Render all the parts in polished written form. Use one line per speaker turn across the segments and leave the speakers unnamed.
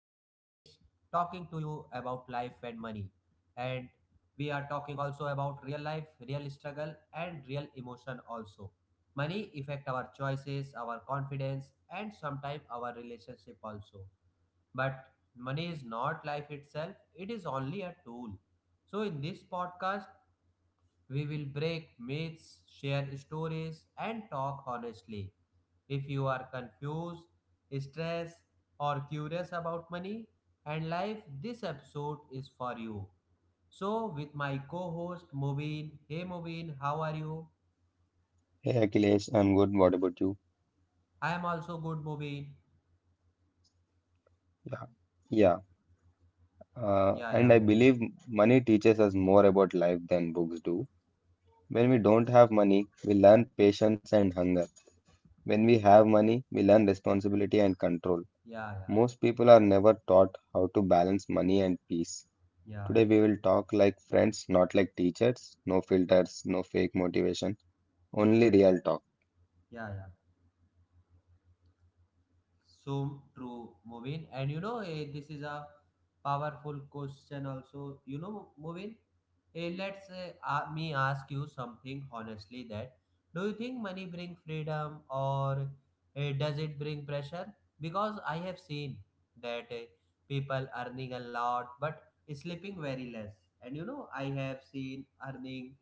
and money. And we are talking also about real life, real struggle and real emotion also. Money affect our choices, our confidence and sometimes our relationship also. But money is not life itself, it is only a tool. So in this podcast we will break myths, share stories, and talk honestly. If you are confused, stressed, or curious about money and life, this episode is for you. So, with my co host Mubin, hey Mubin, how are you?
Hey Achilles, I'm good. What about you?
I am also good, Mubin.
Yeah, yeah.
Yeah,
And
yeah,
I
Mubin.
believe money teaches us more about life than books do. When we don't have money, we learn patience and hunger. When we have money, we learn responsibility and control.
Yeah, yeah,
Most people are never taught how to balance money and peace.
yeah,
Today we will talk like friends, not like teachers. No filters, no fake motivation, only real talk.
yeah, yeah. So true, Movin. And you know, this is a powerful question also. You know, Movin, me ask you something honestly that do you think money bring freedom or does it bring pressure? Because I have seen that people earning a lot but sleeping very less. And you know, I have seen earning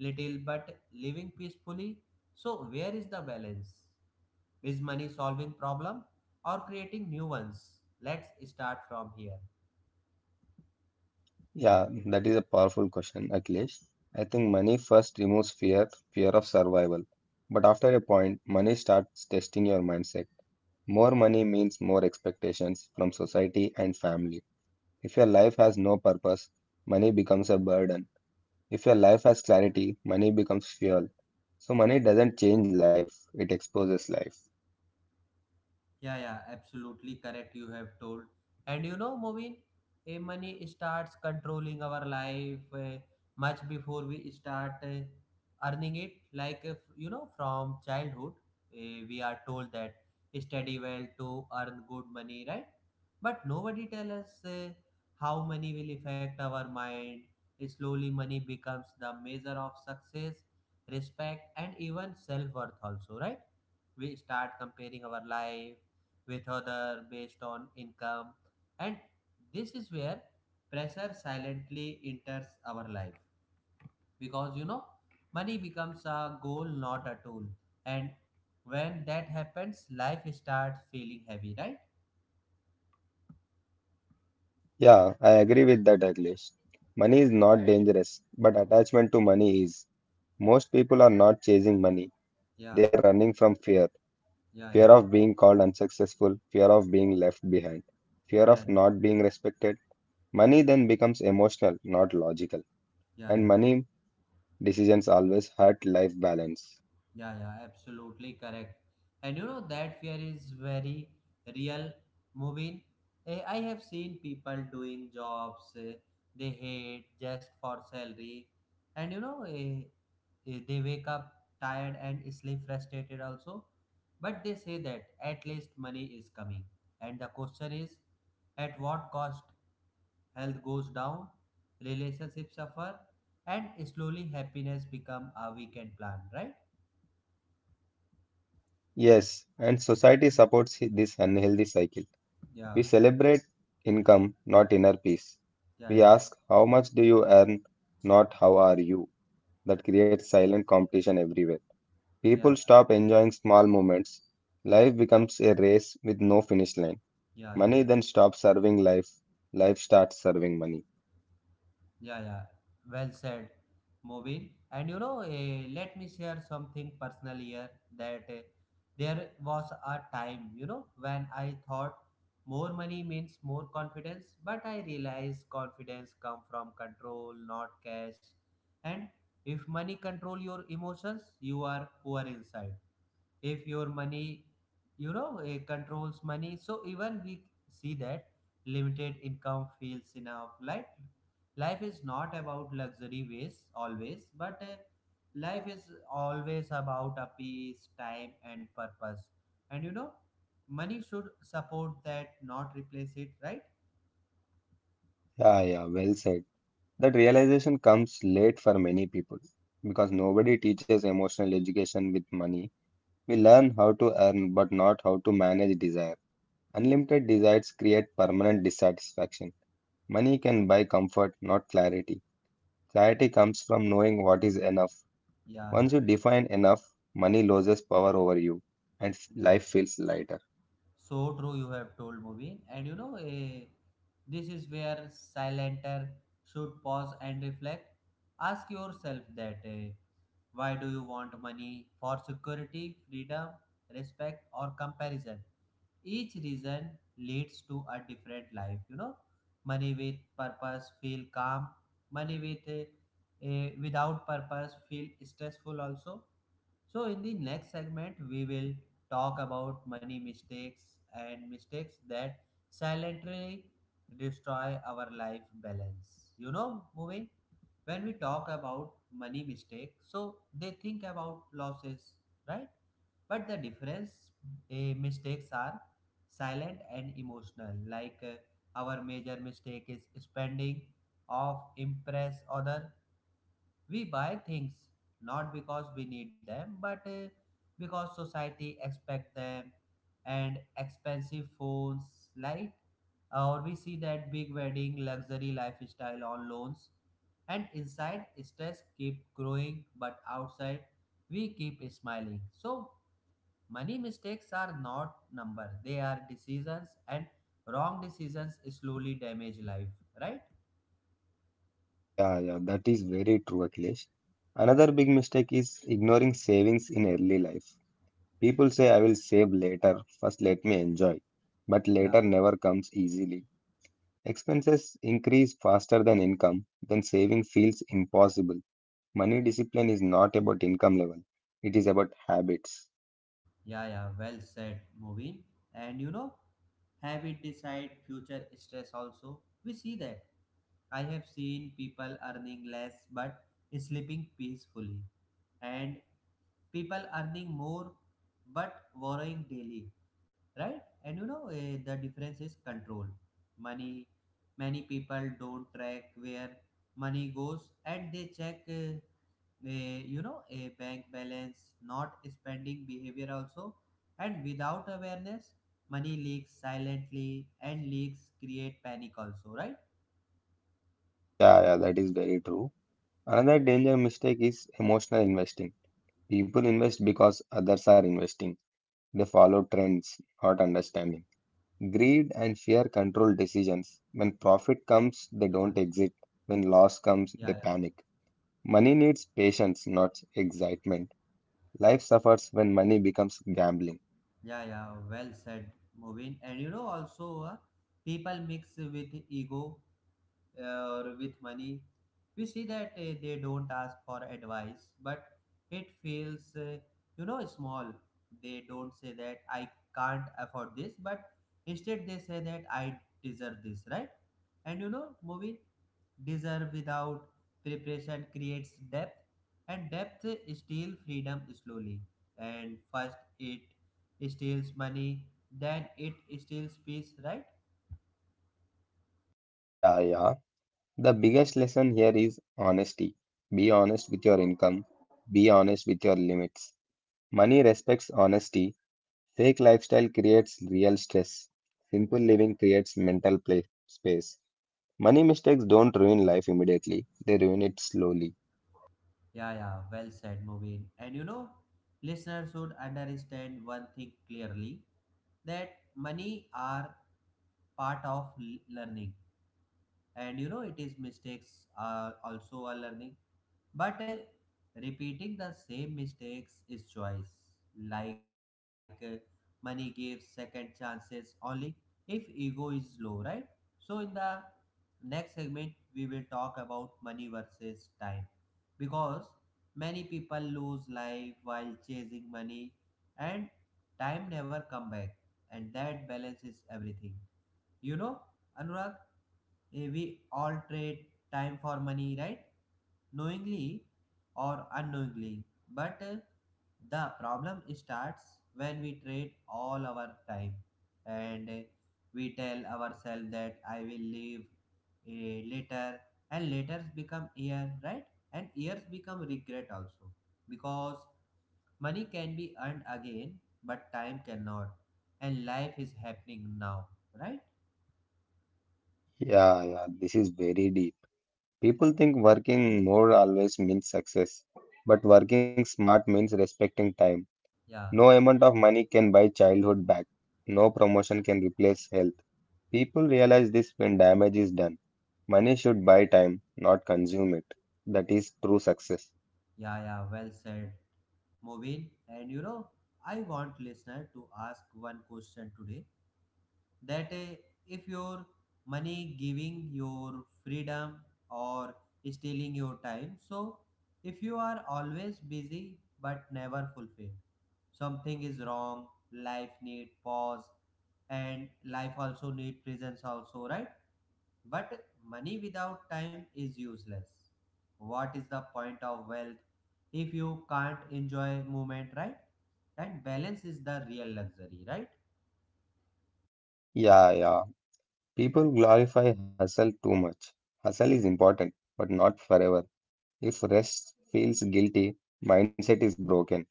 little but living peacefully. So where is the balance? Is money solving problem or creating new ones? Let's start from here.
Yeah, that is a powerful question, Akhilesh. I think money first removes fear, fear of survival. But after a point, money starts testing your mindset. More money means more expectations from society and family. If your life has no purpose, money becomes a burden. If your life has clarity, money becomes fuel. So money doesn't change life, it exposes life.
Yeah, yeah, absolutely correct. You have told. And you know, Moveen, money starts controlling our life much before we start earning it. Like, if, you know, from childhood, we are told that study well to earn good money, right? But nobody tell us how money will affect our mind. Slowly, money becomes the measure of success, respect, and even self worth, also, right? We start comparing our life with other based on income and this is where pressure silently enters our life because you know money becomes a goal not a tool and when that happens life starts feeling heavy, right?
Yeah, I agree with that, Akhilesh. Money is not dangerous, but attachment to money is. Most people are not chasing money, they
Yeah,
are running from fear.
yeah, yeah,
Fear of being called unsuccessful, fear of being left behind, fear
yeah,
of
yeah,
not being respected. Money then becomes emotional, not logical,
yeah,
and
yeah.
money decisions always hurt life balance.
Yeah, yeah, absolutely correct. And you know that fear is very real. Moving, I have seen people doing jobs they hate just for salary, and you know they wake up tired and sleep frustrated also. But they say that at least money is coming. And the question is, at what cost? Health goes down, relationships suffer, and slowly happiness become a weekend plan, right?
Yes, and society supports this unhealthy cycle.
Yeah.
We celebrate income, not inner peace.
Yeah,
We
yeah,
ask, "How much do you earn?" not "How are you?" That creates silent competition everywhere.
yeah,
People stop enjoying small moments. Life becomes a race with no finish line.
yeah, yeah,
Money then stops serving life. Life starts serving money.
yeah, yeah. Well said, Movin. And you know, let me share something personal here that there was a time, you know, when I thought more money means more confidence, but I realized confidence come from control, not cash. And if money control your emotions, you are poor inside. If your money, you know, controls money so even we see that limited income feels enough. Like life is not about luxury ways always, but life is always about a peace time and purpose, and you know money should support that, not replace it, right?
Yeah, yeah, well said. That realization comes late for many people because nobody teaches emotional education with money. We learn how to earn but not how to manage desire. Unlimited desires create permanent dissatisfaction. Money can buy comfort, not clarity. Clarity comes from knowing what is enough.
Yeah,
Once
yeah,
you define enough, money loses power over you, and
yeah,
life
yeah.
feels lighter.
So true, you have told movie, and you know, this is where silenter should pause and reflect. Ask yourself that why do you want money for security, freedom, respect, or comparison? Each reason leads to a different life. You know, money with purpose feel calm. Money with without purpose feel stressful also. So, in the next segment, we will talk about money mistakes and mistakes that silently destroy our life balance. You know, moving, when we talk about money mistakes, so they think about losses, right? But the difference, mistakes are silent and emotional. Like, our major mistake is spending of impress other. We buy things not because we need them, but because society expect them. And expensive phones, light, or we see that big wedding, luxury lifestyle on loans. And inside, stress keep growing, but outside, we keep smiling. So money mistakes are not number; they are decisions, and wrong decisions slowly damage life. Right?
Yeah, yeah, that is very true, Akhilesh. Another big mistake is ignoring savings in early life. People say, "I will save later, first let me enjoy." But later
Yeah.
never comes easily. Expenses increase faster than income, then saving feels impossible. Money discipline is not about income level, it is about habits.
Yeah, yeah, well said, Moving. And you know, habit decide future stress also. We see that. I have seen people earning less but sleeping peacefully, and people earning more but borrowing daily, right? And you know, the difference is control. Money, many people don't track where money goes and they check. A, you know, a bank balance not spending behavior also. And without awareness money leaks silently and leaks create panic also, right?
Yeah, yeah, that is very true. Another danger mistake is emotional investing. People invest because others are investing. They follow trends, not understanding. Greed and fear control decisions. When profit
Yeah,
comes, they don't exit. When loss
yeah,
comes, they panic. Money needs patience, not excitement. Life suffers when money becomes gambling.
yeah, yeah, yeah, well said, Moving. And you know also, people mix with ego, uh, or with money, we see that they don't ask for advice, but it feels, you know, small. They don't say that I can't afford this, but instead they say that I deserve this, right? And you know, movie, deserve without preparation creates depth, and depth steals freedom slowly. And first, it steals money, then it steals peace, right?
Yeah, yeah. The biggest lesson here is honesty. Be honest with your income, be honest with your limits. Money respects honesty. Fake lifestyle creates real stress. Simple living creates mental play space. Money mistakes don't ruin life immediately, they ruin it slowly.
Yeah, yeah, well said, Mubin. And you know, listeners should understand one thing clearly that money are part of learning, and you know, it is mistakes are also a learning. But repeating the same mistakes is choice. Like, money gives second chances only if ego is low, right? So, in the next segment, we will talk about money versus time because many people lose life while chasing money and time never come back and that balance is everything, you know, anurag. We all trade time for money, right? Knowingly or unknowingly. But the problem starts when we trade all our time and we tell ourselves that I will leave later, and letters become year, right? And years become regret also, because money can be earned again, but time cannot, and life is happening now, right?
Yeah, yeah, this is very deep. People think working more always means success, but working smart means respecting time.
Yeah,
No amount of money can buy childhood back. No promotion can replace health. People realize this when damage is done. Money should buy time, not consume it. That is true success.
yeah, yeah, well said. Moveen, and you know, I want listener to ask one question today that if your money giving your freedom or stealing your time. So if you are always busy but never fulfilled, something is wrong. Life need pause and life also need presence also, right? But money without time is useless. What is the point of wealth if you can't enjoy movement, right? And balance is the real luxury, right?
Yeah, yeah. People glorify hustle too much. Hustle is important, but not forever. If rest feels guilty, mindset is broken.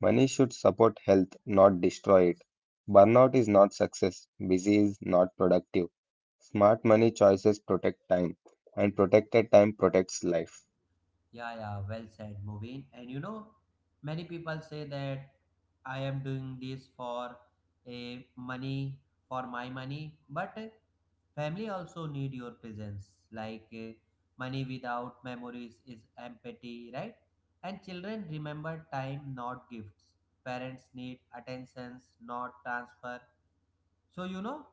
Money should support health, not destroy it. Burnout is not success. Busy is not productive. Smart money choices protect time, and protected time protects life.
Yeah, yeah, well said, Mubin. And you know, many people say that I am doing this for a money, for my money, but family also need your presence. Like, money without memories is empty, right? And children remember time, not gifts. Parents need attentions, not transfer. So, you know,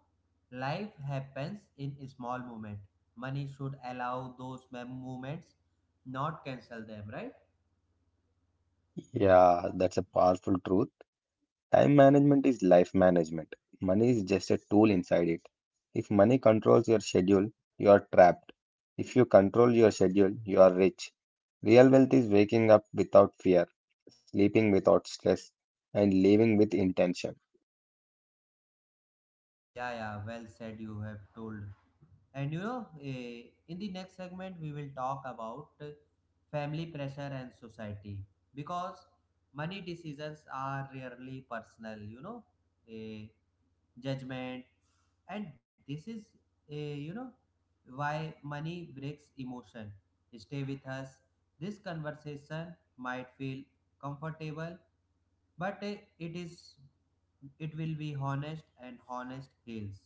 life happens in a small moment. Money should allow those moments, not cancel them, right?
Yeah, that's a powerful truth. Time management is life management. Money is just a tool inside it. If money controls your schedule, you are trapped. If you control your schedule, you are rich. Real wealth is waking up without fear, sleeping without stress, and living with intention.
Yeah, yeah, well said, you have told. And you know, in the next segment, we will talk about family pressure and society because money decisions are rarely personal, you know. Eh, judgment, and this is a, you know, why money breaks emotion. Stay with us. This conversation might feel comfortable, but it is, it will be honest and honest heals.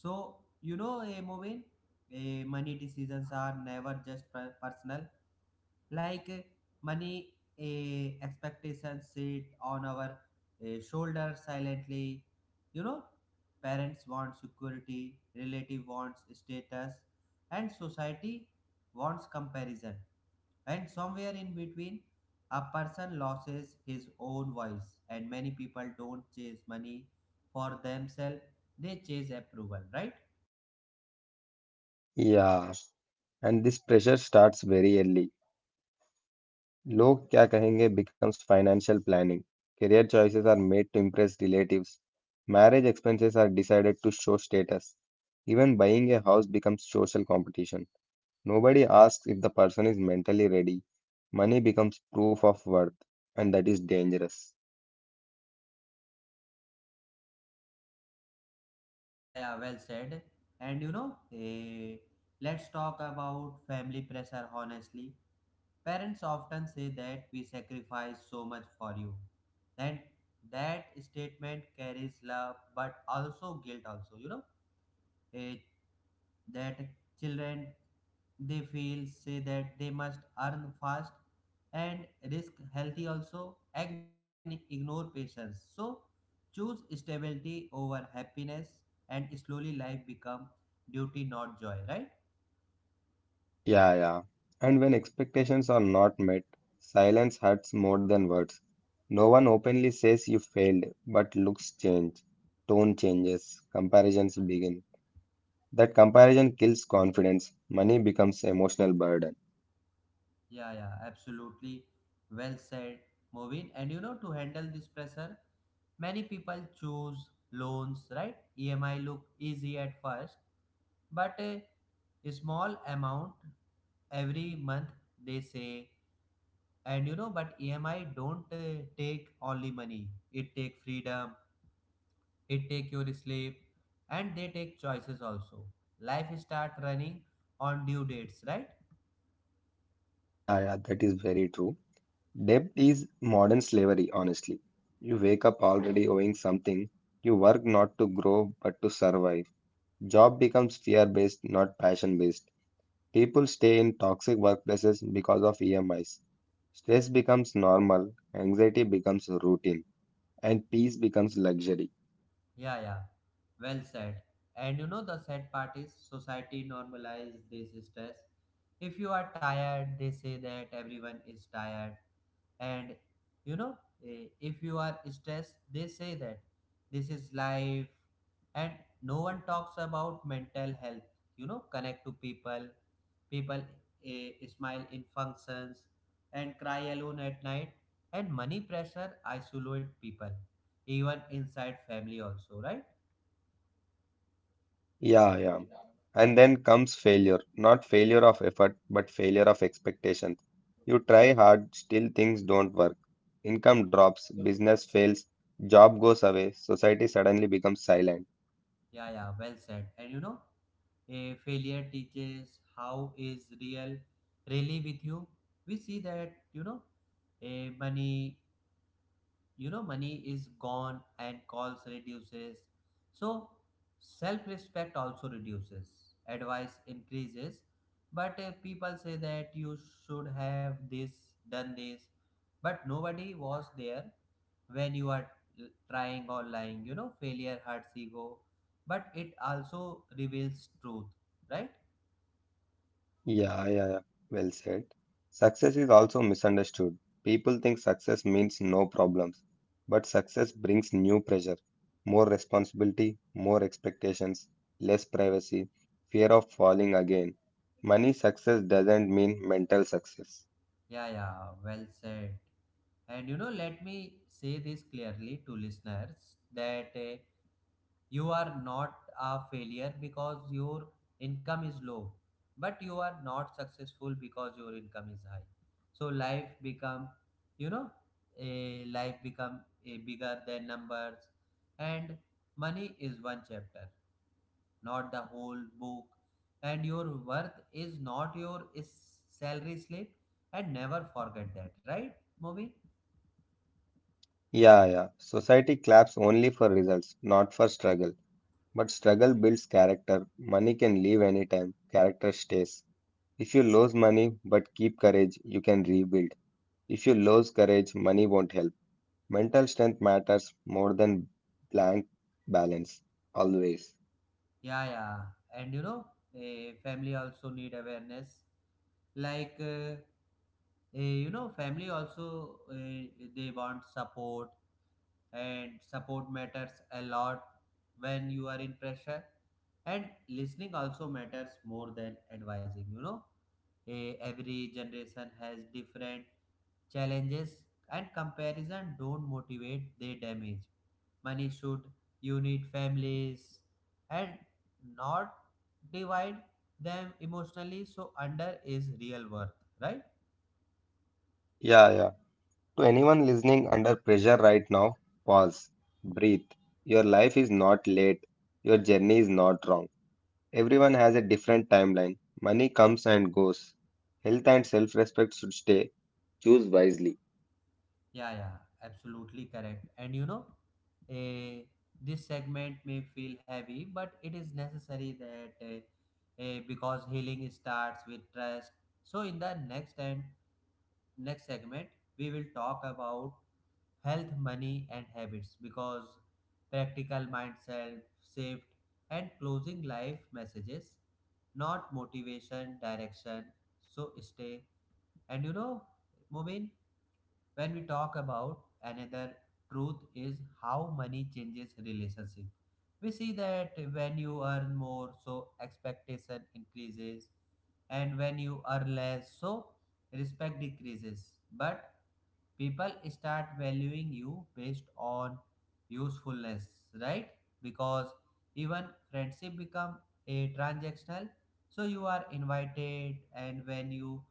So, you know, a moving, money decisions are never just personal. Like, money expectations sit on our shoulders silently, you know. Parents want security, relative wants status, and society wants comparison, and somewhere in between a person loses his own voice, and many people don't chase money for themselves, they chase approval, right?
Yeah. And this pressure starts very early. लोग क्या कहेंगे becomes financial planning. Career choices are made to impress relatives. Marriage expenses are decided to show status. Even buying a house becomes social competition. Nobody asks if the person is mentally ready. Money becomes proof of worth, and that is dangerous.
Yeah, yeah, well said. And you know, let's talk about family pressure honestly. Parents often say that we sacrifice so much for you. And that statement carries love but also guilt also, you know. Eh, that children they feel say that they must earn fast and risk healthy also and ignore patience, so choose stability over happiness, and slowly life become duty not joy, right?
Yeah, yeah. And when expectations are not met, silence hurts more than words. No one openly says you failed, but looks change, tone changes, comparisons begin. That comparison kills confidence. Money becomes emotional burden.
Yeah, yeah, absolutely, well said, moving. And you know, to handle this pressure many people choose loans, right? EMI look easy at first, but a small amount every month they say. And you know, but EMI don't take only money. It take freedom, it take your sleep, and they take choices also. Life start running on due dates, right?
Yeah, yeah, that is very true. Debt is modern slavery, honestly. You wake up already owing something. You work not to grow but to survive. Job becomes fear based, not passion based. People stay in toxic workplaces because of EMIs. Stress becomes normal, anxiety becomes routine, and peace becomes luxury.
Yeah, yeah. Well said. And you know the sad part is society normalize this stress. If you are tired, they say that everyone is tired. And you know, if you are stressed, they say that this is life. And no one talks about mental health. You know, connect to people. People, eh, smile in functions and cry alone at night. And money pressure isolate people, even inside family also, right?
Yeah, yeah. And then comes failure. Not failure of effort, but failure of expectations. You try hard, still things don't work. Income drops, business fails, job goes away, society suddenly becomes silent.
Yeah, yeah, well said. And you know, a failure teaches how is real really with you. We see that, a money you know money is gone and calls reduces, so self respect also reduces, advice increases, but people say that you should have this, done this, but nobody was there when you are trying or lying. Failure hurts ego, but it also reveals truth, right?
Yeah, yeah, yeah. Well said. Success is also misunderstood. People think success means no problems, but success brings new pressure, more responsibility, more expectations, less privacy, fear of falling again. Money success doesn't mean mental success.
Yeah, yeah, well said. And let me say this clearly to listeners that you are not a failure because your income is low, but you are not successful because your income is high. So life become, you know a life become a bigger than numbers. And money is one chapter, not the whole book. And your worth is not your, is salary slip. And never forget that, right, Movie?
Yeah, yeah. Society claps only for results, not for struggle. But struggle builds character. Money can leave anytime, character stays. If you lose money but keep courage, you can rebuild. If you lose courage, money won't help. Mental strength matters more than blank balance, always.
Yeah, yeah. And a family also need awareness. Like family also, they want support. And support matters a lot when you are in pressure. And listening also matters more than advising, every generation has different challenges. And comparison don't motivate, they damage. Money should unite families and not divide them emotionally. So under is real worth, right?
Yeah, yeah. To anyone listening under pressure right now, pause, breathe. Your life is not late, your journey is not wrong. Everyone has a different timeline. Money comes and goes. Health and self respect should stay. Choose wisely.
Yeah, yeah, absolutely correct. And eh, this segment may feel heavy, but it is necessary that because healing starts with trust. So in the next segment, we will talk about health, money, and habits, because practical mindset shift and closing life messages, not motivation, direction. So stay. And Mubin, when we talk about, another truth is how money changes relationship. We see that when you earn more, so expectation increases. And when you earn less, so respect decreases. But people start valuing you based on usefulness, right? Because even friendship become a transactional. So you are invited, and when you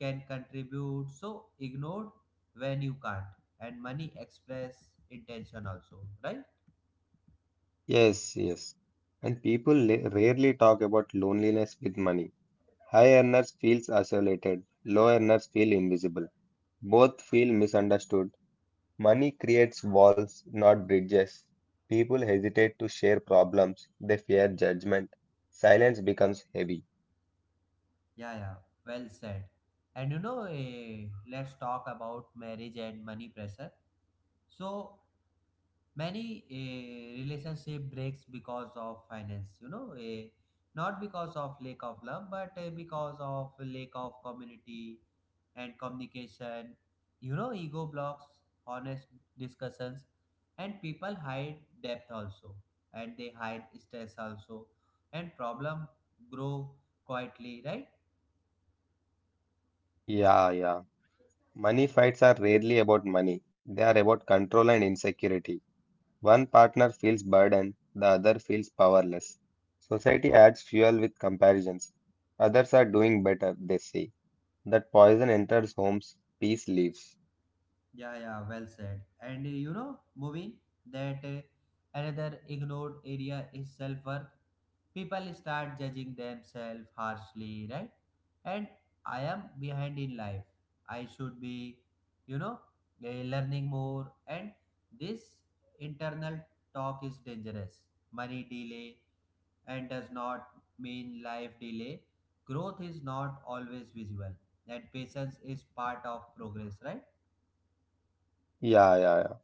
can contribute, so ignored when you can't. And money express intention also, right?
Yes, yes. And people rarely talk about loneliness with money. High earners feels isolated, low earners feel invisible. Both feel misunderstood. Money creates walls, not bridges. People hesitate to share problems, they fear judgment. Silence becomes heavy.
Yeah, yeah, well said. And let's talk about marriage and money pressure. So many a relationship breaks because of finance, not because of lack of love, but because of lack of community and communication. Ego blocks honest discussions, and people hide depth also, and they hide stress also, and problem grow quietly, right?
Yeah, yeah. Money fights are rarely about money, they are about control and insecurity. One partner feels burdened, the other feels powerless. Society adds fuel with comparisons. Others are doing better, they say. That poison enters homes, peace leaves.
Yeah, yeah, well said. And Moving, that another ignored area is self worth. People start judging themselves harshly, right? And I am behind in life. I should be, you know, uh, learning more. And this internal talk is dangerous. Money delay and does not mean life delay. Growth is not always visible. That patience is part of progress, right?
Yeah, yeah, yeah.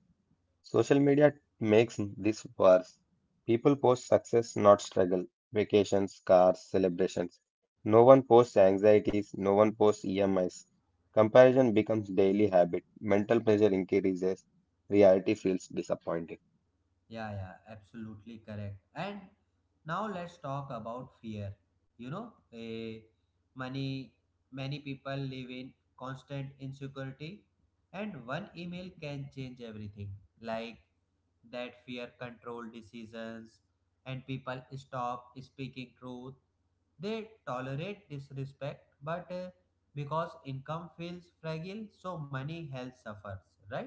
Social media makes this worse. People post success, not struggle, vacations, cars, celebrations. No one posts anxieties, no one posts EMIs. Comparison becomes daily habit. Mental pressure increases. Reality feels disappointing.
Yeah, yeah, absolutely correct. And now let's talk about fear. You know, eh, many many people live in constant insecurity, and one email can change everything. Like that, fear control decisions, and people stop speaking truth. They tolerate disrespect, but because income feels fragile, so money health suffers. Right?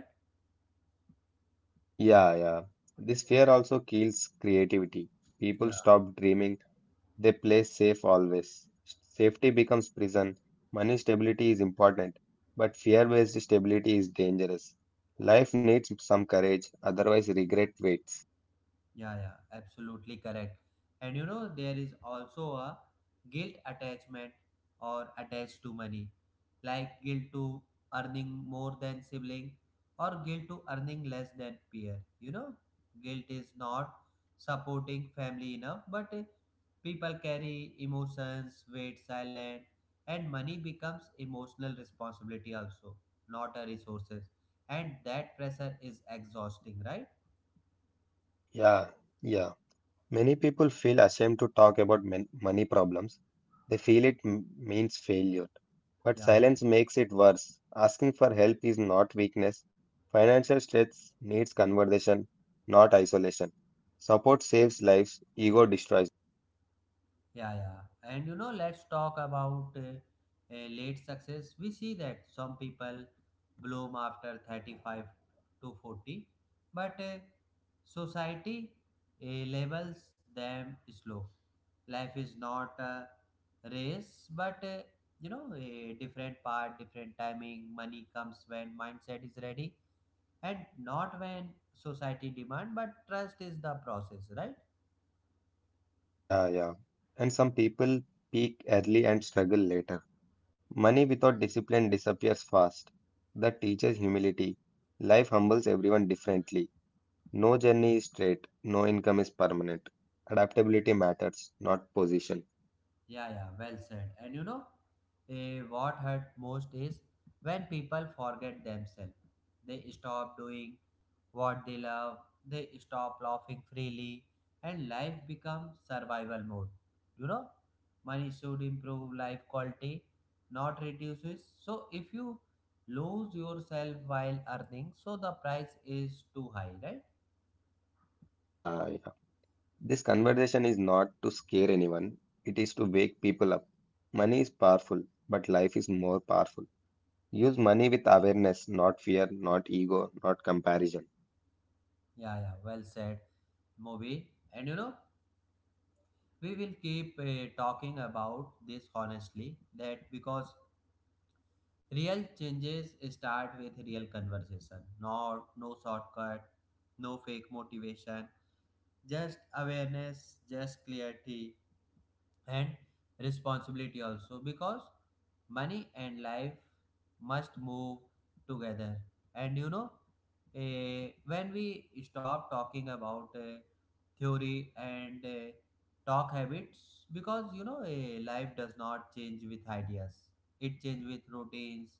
Yeah, yeah. This fear also kills creativity. People stop dreaming, they play safe always. Safety becomes prison. Money stability is important, but fear based stability is dangerous. Life needs some courage, otherwise, regret waits.
Yeah, yeah, absolutely correct. And there is also a guilt attachment or attached to money, like guilt to earning more than sibling or guilt to earning less than peer. You know, guilt is not supporting family enough, but people carry emotions, wait silent, and money becomes emotional responsibility also, not a resources. And that pressure is exhausting, right?
Yeah, yeah. Many people feel ashamed to talk about money problems. They feel it means failure. But
Yeah.
silence makes it worse. Asking for help is not weakness. Financial stress needs conversation, not isolation. Support saves lives, ego destroys.
Yeah, yeah. And let's talk about late success. We see that some people bloom after 35 to 40, but society, uh, labels them slow. Life is not a race, but a different part, different timing. Money comes when mindset is ready and not when society demand, but trust is the process, right?
Yeah, yeah. And some people peak early and struggle later. Money without discipline disappears fast. That teaches humility. Life humbles everyone differently. No journey is straight, no income is permanent. Adaptability matters, not position.
Yeah, yeah, well said. And what hurt most is when people forget themselves. They stop doing what they love, they stop laughing freely, and life becomes survival mode. You know, money should improve life quality, not reduces. So if you lose yourself while earning, so the price is too high, right?
Yeah, yeah. This conversation is not to scare anyone, it is to wake people up. Money is powerful, but life is more powerful. Use money with awareness, not fear, not ego, not comparison.
Yeah, yeah, well said, Mobi. And we will keep talking about this honestly, that because real changes start with real conversation, not no shortcut, no fake motivation, just awareness, just clarity, and responsibility also, because money and life must move together. And when we stop talking about theory and talk habits, because life does not change with ideas, it changes with routines.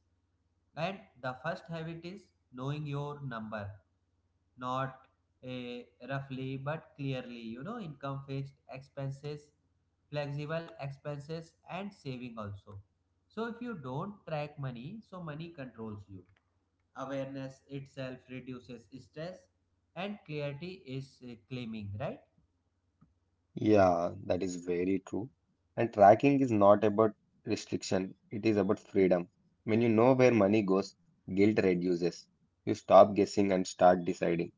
And the first habit is knowing your number, not eh, roughly but clearly. Income, fixed expenses, flexible expenses, and saving also. So if you don't track money, so money controls you. Awareness itself reduces stress, and clarity is claiming, right?
Yeah, that is very true. And tracking is not about restriction, it is about freedom. When you know where money goes, guilt reduces. You stop guessing and start deciding.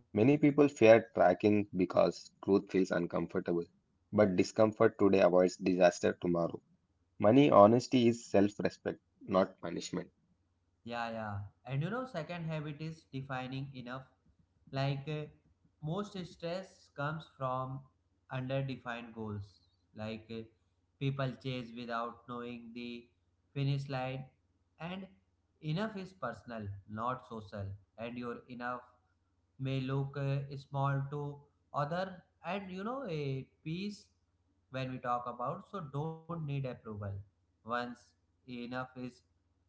Many people fear tracking because truth feels uncomfortable. But discomfort today avoids disaster tomorrow. Money honesty is self-respect, not punishment.
Yeah, yeah. And second habit is defining enough. Like most stress comes from underdefined goals. Like people chase without knowing the finish line. And enough is personal, not social. And your enough may look small to other. And you know, a piece when we talk about, so don't need approval. Once enough is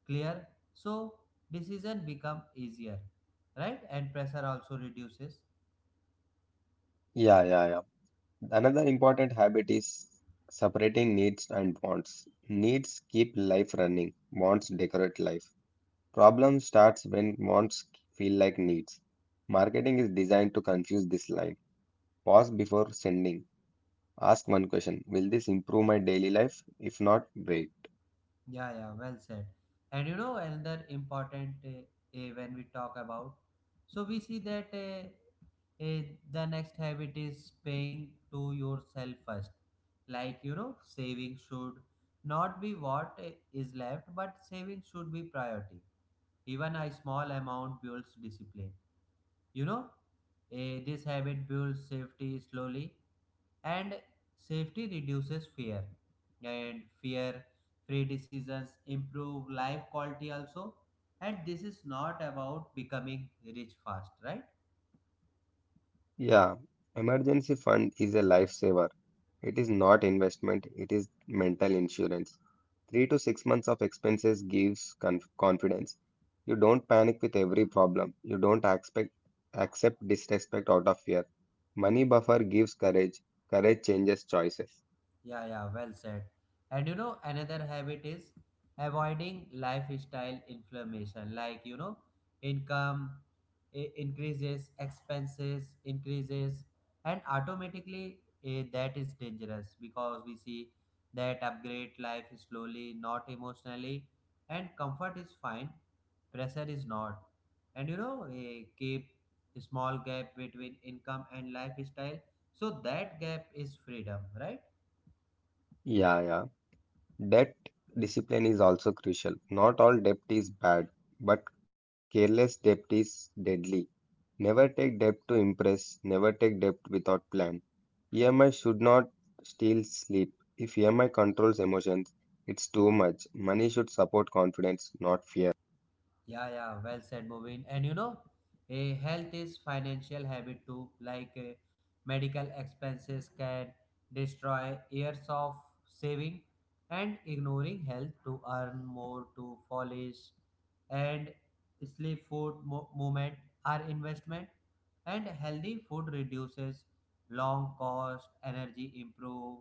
clear, so decision become easier, right? And pressure also reduces.
Yeah, yeah, yeah. Another important habit is separating needs and wants. Needs keep life running, wants decorate life. Problem starts when wants feel like needs. Marketing is designed to confuse this line. Pause before sending. Ask one question: will this improve my daily life? If not, break.
Yeah, yeah, well said. And another important when we talk about, so we see that the next habit is paying to yourself first. Like, you know, saving should not be what is left, but saving should be priority. Even a small amount builds discipline. You know, this habit builds safety slowly, and safety reduces fear, and fear free decisions improve life quality also. And this is not about becoming rich fast, right?
Yeah, emergency fund is a lifesaver. It is not investment, it is mental insurance. 3 to 6 months of expenses gives confidence. You don't panic with every problem. You don't expect, accept disrespect out of fear. Money buffer gives courage. Courage changes choices.
Yeah, yeah, well said. And another habit is avoiding lifestyle inflammation. Like, you know, income increases, expenses increases, and automatically, that is dangerous, because we see that upgrade life slowly, not emotionally. And comfort is fine, pressure is not. And keep a small gap between income and lifestyle, so that gap is freedom, right?
Yeah, yeah. Debt discipline is also crucial. Not all debt is bad, but careless debt is deadly. Never take debt to impress, never take debt without plan. EMI should not steal sleep. If EMI controls emotions, it's too much. Money should support confidence, not fear.
Yeah, yeah, well said, Mubin. And a health is financial habit too. Like medical expenses can destroy years of saving. And ignoring health to earn more, to polish, and sleep, food, movement are investment. And healthy food reduces long cost, energy improve,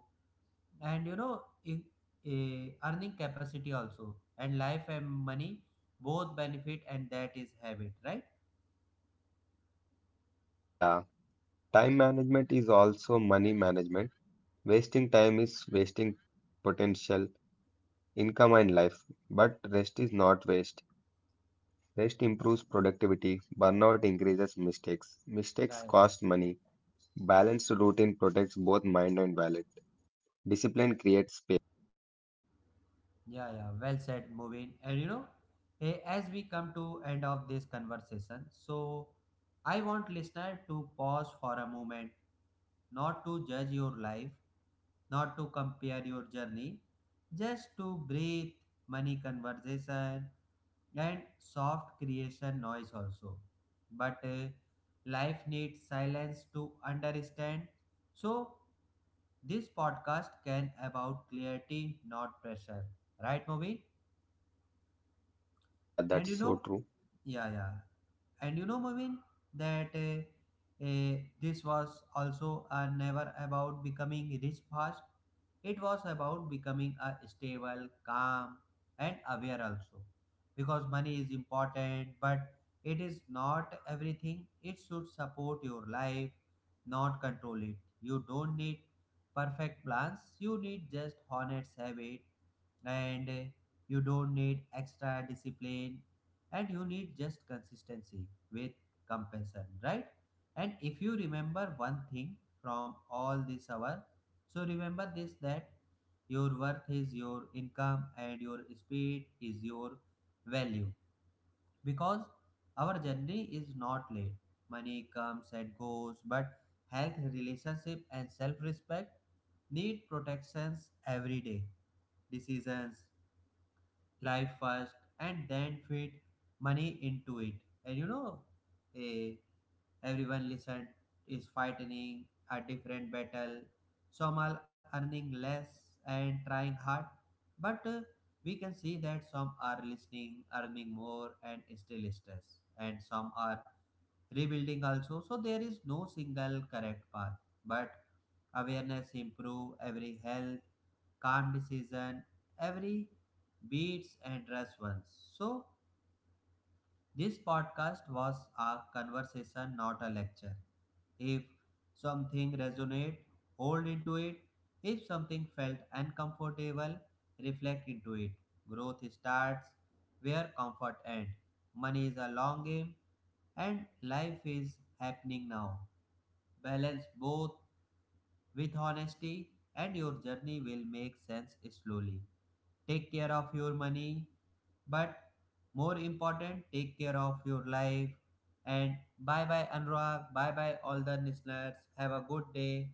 and you know in, earning capacity also, and life and money both benefit. And that is habit, right?
Yeah, time management is also money management. Wasting time is wasting potential, income, and life, but rest is not waste. Rest improves productivity, burnout increases mistakes. Mistakes
Yeah.
cost money. Balanced routine protects both mind and wallet. Discipline creates space.
Yeah, yeah, well said, Moving. And as we come to end of this conversation, so I want listener to pause for a moment, not to judge your life, not to compare your journey, just to breathe, money conversation, and soft creation noise also. But life needs silence to understand, so this podcast can about clarity, not pressure. Right, Movie?
Yeah, yeah, that's
And
so true.
yeah, yeah. And Movin, that this was also never about becoming rich fast. It was about becoming a stable, calm, and aware also. Because money is important, but it is not everything. It should support your life, not control it. You don't need perfect plans. You need just honest habit. And you don't need extra discipline, and you need just consistency with compensation, right? And if you remember one thing from all this hour, so remember this, that your worth is your income and your speed is your value. Because our journey is not late, money comes and goes, but health relationship and self-respect need protections every day. Decisions, life first, and then fit money into it. And eh, everyone listen is fighting a different battle. Some are earning less and trying hard, but we can see that some are listening earning more and still stressed, and some are rebuilding also. So there is no single correct path, but awareness improve every health, calm decision, every beats and rest once. So this podcast was a conversation, not a lecture. If something resonate, hold into it. If something felt uncomfortable, reflect into it. Growth starts where comfort ends. Money is a long game, and life is happening now. Balance both with honesty, and your journey will make sense slowly. Take care of your money, but more important, take care of your life. And bye bye, Anurag. Bye bye, all the listeners. Have a good day.